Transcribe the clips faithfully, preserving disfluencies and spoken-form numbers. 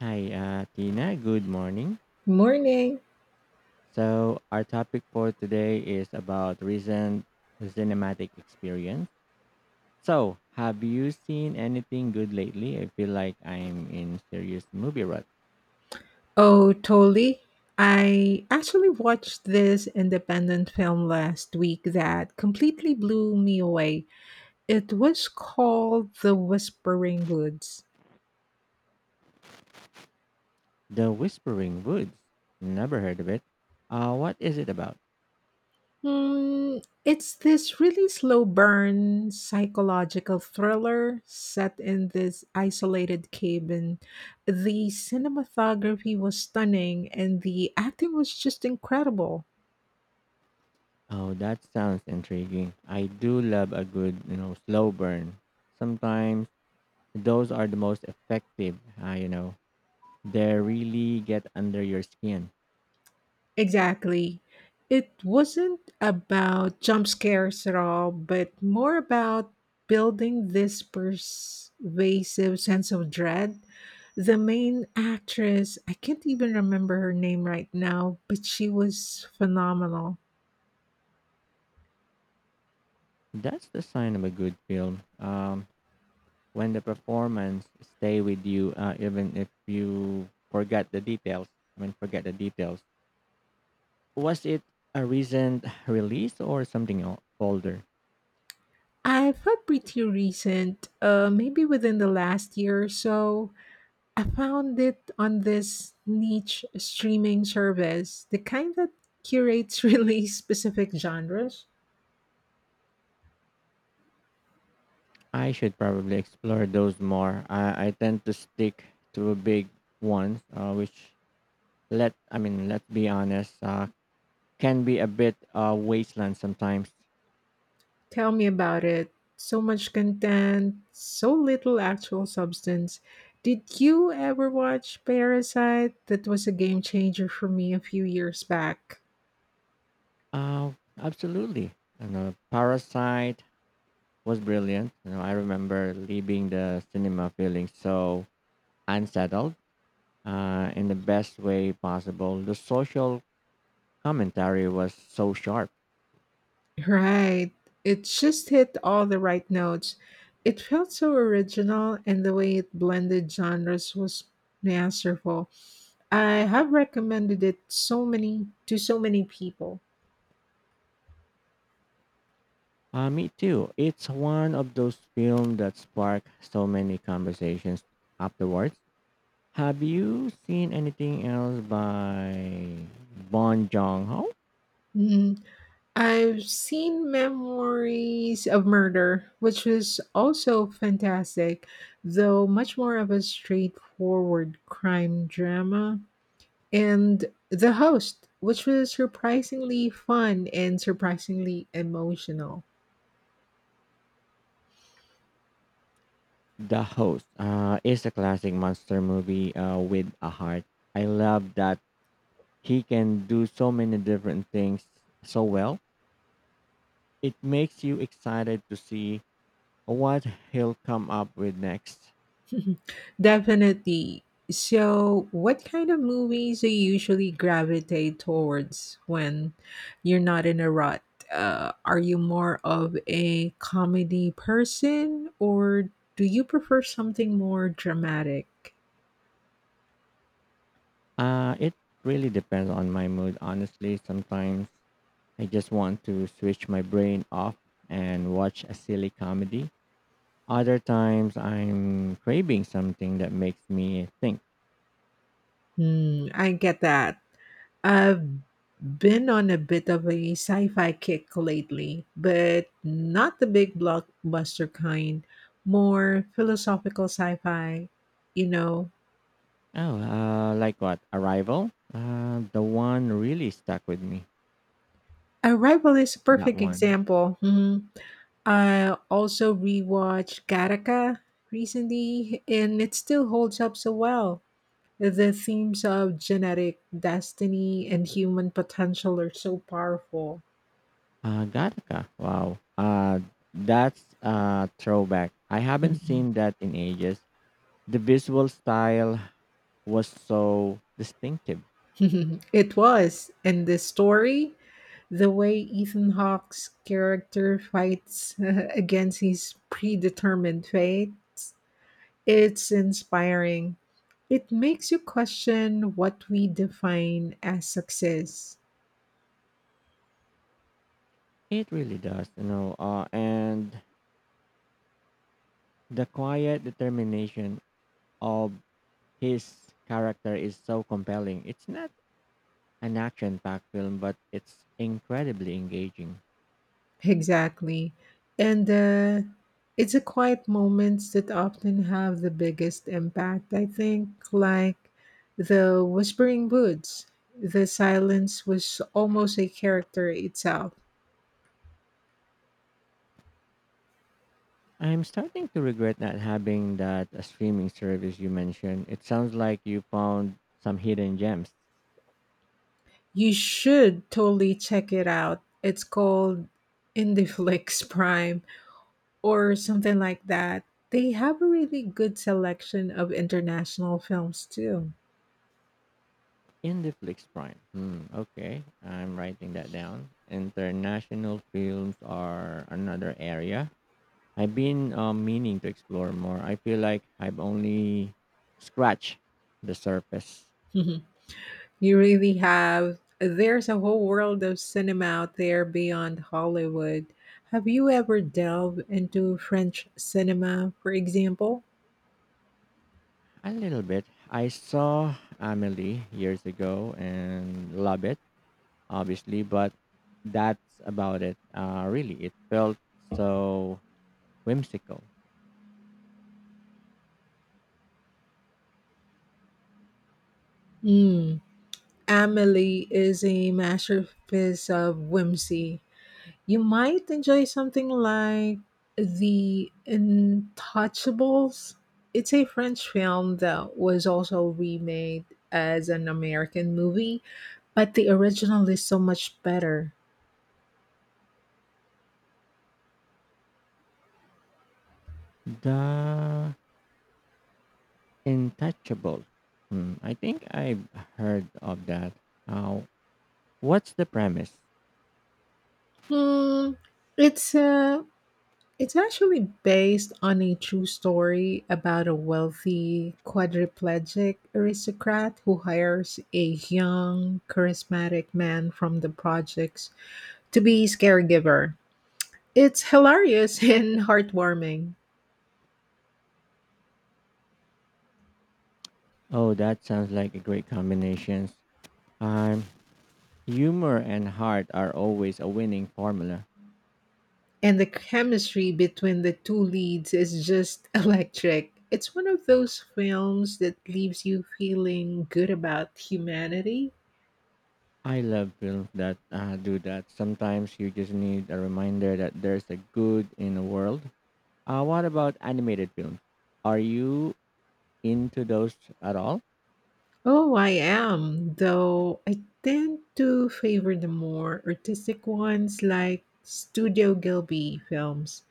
Hi, uh, Tina. Good morning. Morning. So, our topic for today is about recent cinematic experience. So, have you seen anything good lately? I feel like I'm in serious movie rut. Oh, totally. I actually watched this independent film last week that completely blew me away. It was called The Whispering Woods. The Whispering Woods. Never heard of it. Uh, what is it about? Hmm, it's this really slow burn psychological thriller set in this isolated cabin. The cinematography was stunning and the acting was just incredible. Oh, that sounds intriguing. I do love a good, you know, slow burn. Sometimes those are the most effective. Uh, you know, they really get under your skin. Exactly. It wasn't about jump scares at all, but more about building this pervasive sense of dread. The main actress, I can't even remember her name right now, but she was phenomenal. That's the sign of a good film. Um, when the performance stay with you, uh, even if you forget the details. I mean, forget the details. Was it a recent release or something o- older? I felt pretty recent, uh, maybe within the last year or so. I found it on this niche streaming service, the kind that curates really specific genres. I should probably explore those more. I, I tend to stick to big ones, uh, which let I mean, let's be honest, uh, can be a bit uh, wasteland sometimes. Tell me about it. So much content, so little actual substance. Did you ever watch Parasite? That was a game changer for me a few years back. Uh, Absolutely. I know Parasite was brilliant. You know, I remember leaving the cinema feeling so unsettled uh, in the best way possible. The social commentary was so sharp. Right. It just hit all the right notes. It felt so original, and the way it blended genres was masterful. I have recommended it so many to so many people. Uh, me too. It's one of those films that spark so many conversations afterwards. Have you seen anything else by Bon Jong Ho? Mm-hmm. I've seen Memories of Murder, which was also fantastic, though much more of a straightforward crime drama. And The Host, which was surprisingly fun and surprisingly emotional. The Host uh, is a classic monster movie uh, with a heart. I love that he can do so many different things so well. It makes you excited to see what he'll come up with next. Definitely. So, what kind of movies do you usually gravitate towards when you're not in a rut? Uh, are you more of a comedy person or do you prefer something more dramatic? Uh, it really depends on my mood, honestly. Sometimes I just want to switch my brain off and watch a silly comedy. Other times I'm craving something that makes me think. Hmm, I get that. I've been on a bit of a sci fi kick lately, but not the big blockbuster kind, more philosophical sci fi, you know, Oh, uh, like what? Arrival? Uh, the one really stuck with me. Arrival is a That perfect one. example. Mhm. I also rewatched Gattaca recently, and it still holds up so well. The themes of genetic destiny and human potential are so powerful. Uh, Gattaca. Wow. Uh, that's a throwback. I haven't Mhm. seen that in ages. The visual style was so distinctive. It was, and the story, the way Ethan Hawke's character fights against his predetermined fate. It's inspiring. It makes you question what we define as success. It really does, you know. Uh, and the quiet determination of his character is so compelling. It's not an action-packed film, but it's incredibly engaging. Exactly. And uh, it's a quiet moments that often have the biggest impact, I think, like the Whispering Woods. The silence was almost a character itself. I'm starting to regret not having that uh, streaming service you mentioned. It sounds like you found some hidden gems. You should totally check it out. It's called Indiflix Prime. Or something like that. They have a really good selection of international films too. Indiflix Prime. Hmm. Okay, I'm writing that down. International films are another area I've been uh, meaning to explore more. I feel like I've only scratched the surface You really have, there's a whole world of cinema out there beyond Hollywood. Have you ever delved into French cinema, for example? a little bit. I saw Amelie years ago and love it, obviously, but that's about it. Uh, really, it felt so whimsical. Mm. Amelie is a masterpiece of whimsy. You might enjoy something like The Untouchables. It's a French film that was also remade as an American movie, but the original is so much better. The Intouchable. Hmm, I think I've heard of that. Uh, what's the premise? Hmm, it's uh, it's actually based on a true story about a wealthy quadriplegic aristocrat who hires a young, charismatic man from the projects to be his caregiver. It's hilarious and heartwarming. Oh, that sounds like a great combination. Um, humor and heart are always a winning formula. And the chemistry between the two leads is just electric. It's one of those films that leaves you feeling good about humanity. I love films that uh, do that. Sometimes you just need a reminder that there's a good in the world. Uh, what about animated films? Are you into those at all? Oh, I am, though I tend to favor the more artistic ones like Studio Gilby films.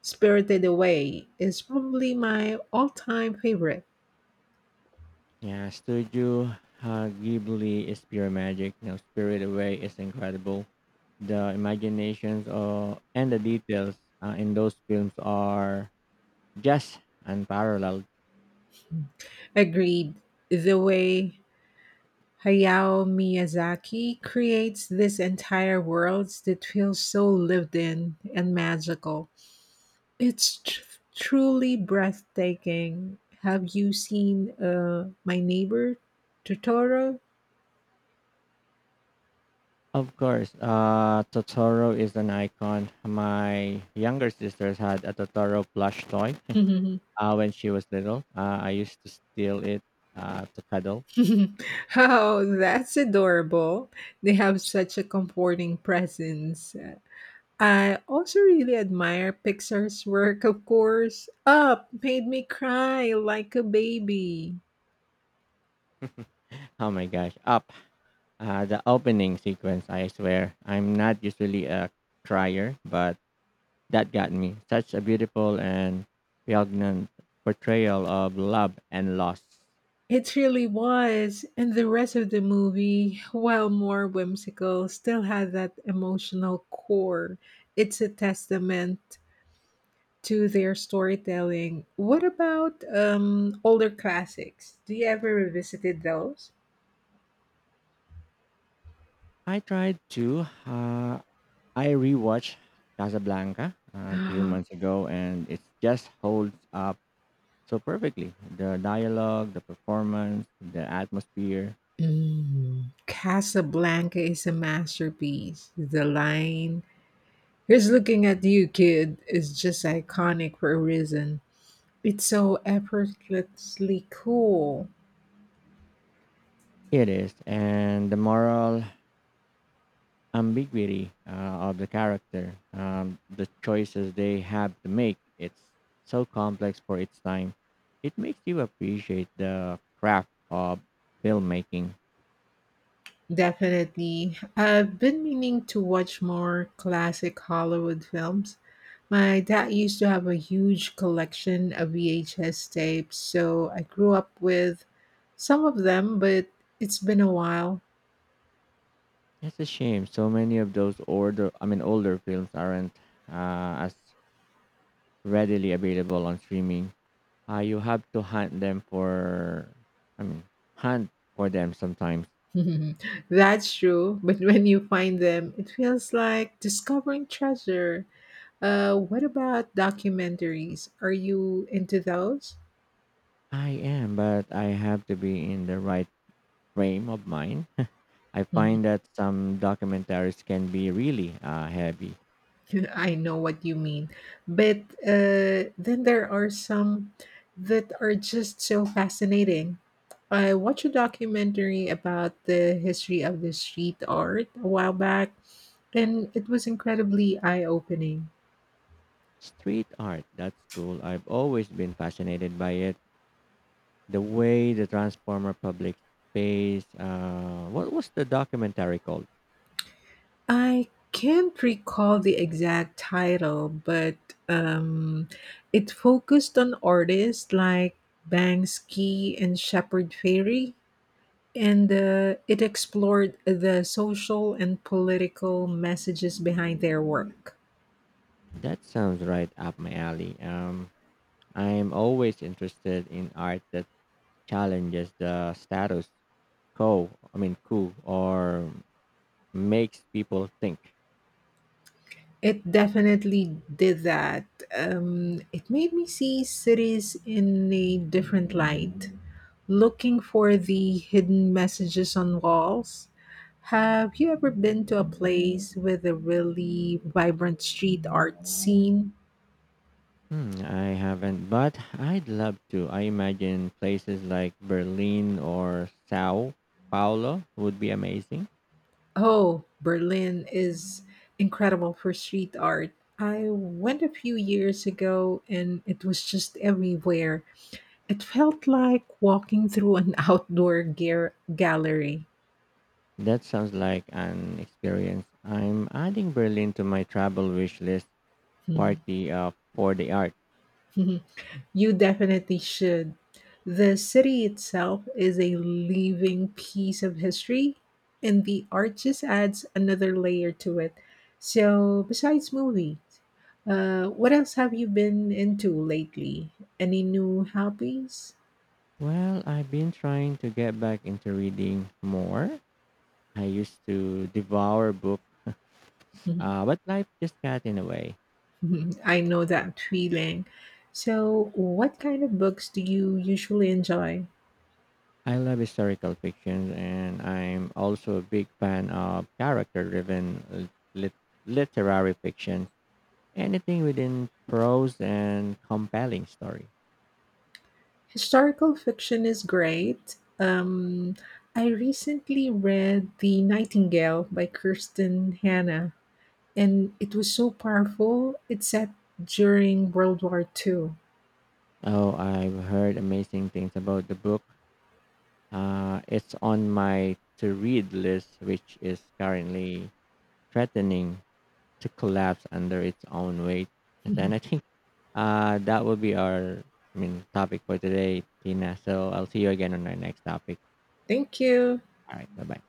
Spirited Away is probably my all time favorite. Yeah, Studio uh, Ghibli is pure magic. You know, Spirit Away is incredible. The imaginations uh, and the details uh, in those films are just unparalleled. Agreed. The way Hayao Miyazaki creates these entire worlds that feel so lived in and magical. It's tr- Truly breathtaking. Have you seen uh, My Neighbor Totoro? Of course, uh, Totoro is an icon. My younger sisters had a Totoro plush toy uh, when she was little. Uh, I used to steal it uh, to cuddle. Oh, that's adorable. They have such a comforting presence. I also really admire Pixar's work, of course. Up made me cry like a baby. Oh my gosh, up. Uh, the opening sequence, I swear. I'm not usually a crier, but that got me. Such a beautiful and poignant portrayal of love and loss. It really was, and the rest of the movie, while more whimsical, still had that emotional core. It's a testament to their storytelling. What about um older classics? Do you ever revisited those? I tried to. Uh, I rewatched Casablanca a few months ago, and it just holds up so perfectly. The dialogue, the performance, the atmosphere. Mm, Casablanca is a masterpiece. The line, here's looking at you, kid, is just iconic for a reason. It's so effortlessly cool. It is, and the moral ambiguity uh, of the character, um, the choices they have to make. It's so complex for its time. It makes you appreciate the craft of filmmaking. Definitely. I've been meaning to watch more classic Hollywood films. My dad used to have a huge collection of V H S tapes, so I grew up with some of them, but it's been a while. It's a shame so many of those older, I mean, older films aren't uh, as readily available on streaming. Uh, you have to hunt them for, I mean, hunt for them sometimes. That's true, but when you find them, it feels like discovering treasure. Uh, what about documentaries? Are you into those? I am, but I have to be in the right frame of mind. I find that some documentaries can be really uh, heavy. I know what you mean. But uh, then there are some that are just so fascinating. I watched a documentary about the history of the street art a while back, and it was incredibly eye opening. Street art, that's cool. I've always been fascinated by it. The way the transformer public space. Uh, what was the documentary called? I can't recall the exact title, but um, it focused on artists like Banksy and Shepard Fairey. And uh, it explored the social and political messages behind their work. That sounds right up my alley. Um, I'm always interested in art that challenges the status quo. I mean, cool or makes people think. It definitely did that. Um, it made me see cities in a different light, looking for the hidden messages on walls. Have you ever been to a place with a really vibrant street art scene? Hmm, I haven't, but I'd love to. I imagine places like Berlin or Sao Paulo would be amazing. Oh, Berlin is incredible for street art. I went a few years ago and it was just everywhere. It felt like walking through an outdoor gear gallery. That sounds like an experience. I'm adding Berlin to my travel wish list party uh, for the art. You definitely should. The city itself is a living piece of history, and the art just adds another layer to it. So, besides movies, uh, what else have you been into lately? Any new hobbies? Well, I've been trying to get back into reading more. I used to devour books, Mhm, uh, but life just got in the way. mhm. I know that feeling. So, what kind of books do you usually enjoy? I love historical fiction, and I'm also a big fan of character driven lit- literary fiction. Anything within prose and compelling story. Historical fiction is great. Um, I recently read The Nightingale by Kirsten Hanna, and it was so powerful. It's set during World War Two. Oh, I've heard amazing things about the book. Uh, it's on my to read list, which is currently threatening to collapse under its own weight. Mhm. And I think uh, that will be our I mean, topic for today, Tina. So I'll see you again on our next topic. Thank you. All right, bye bye.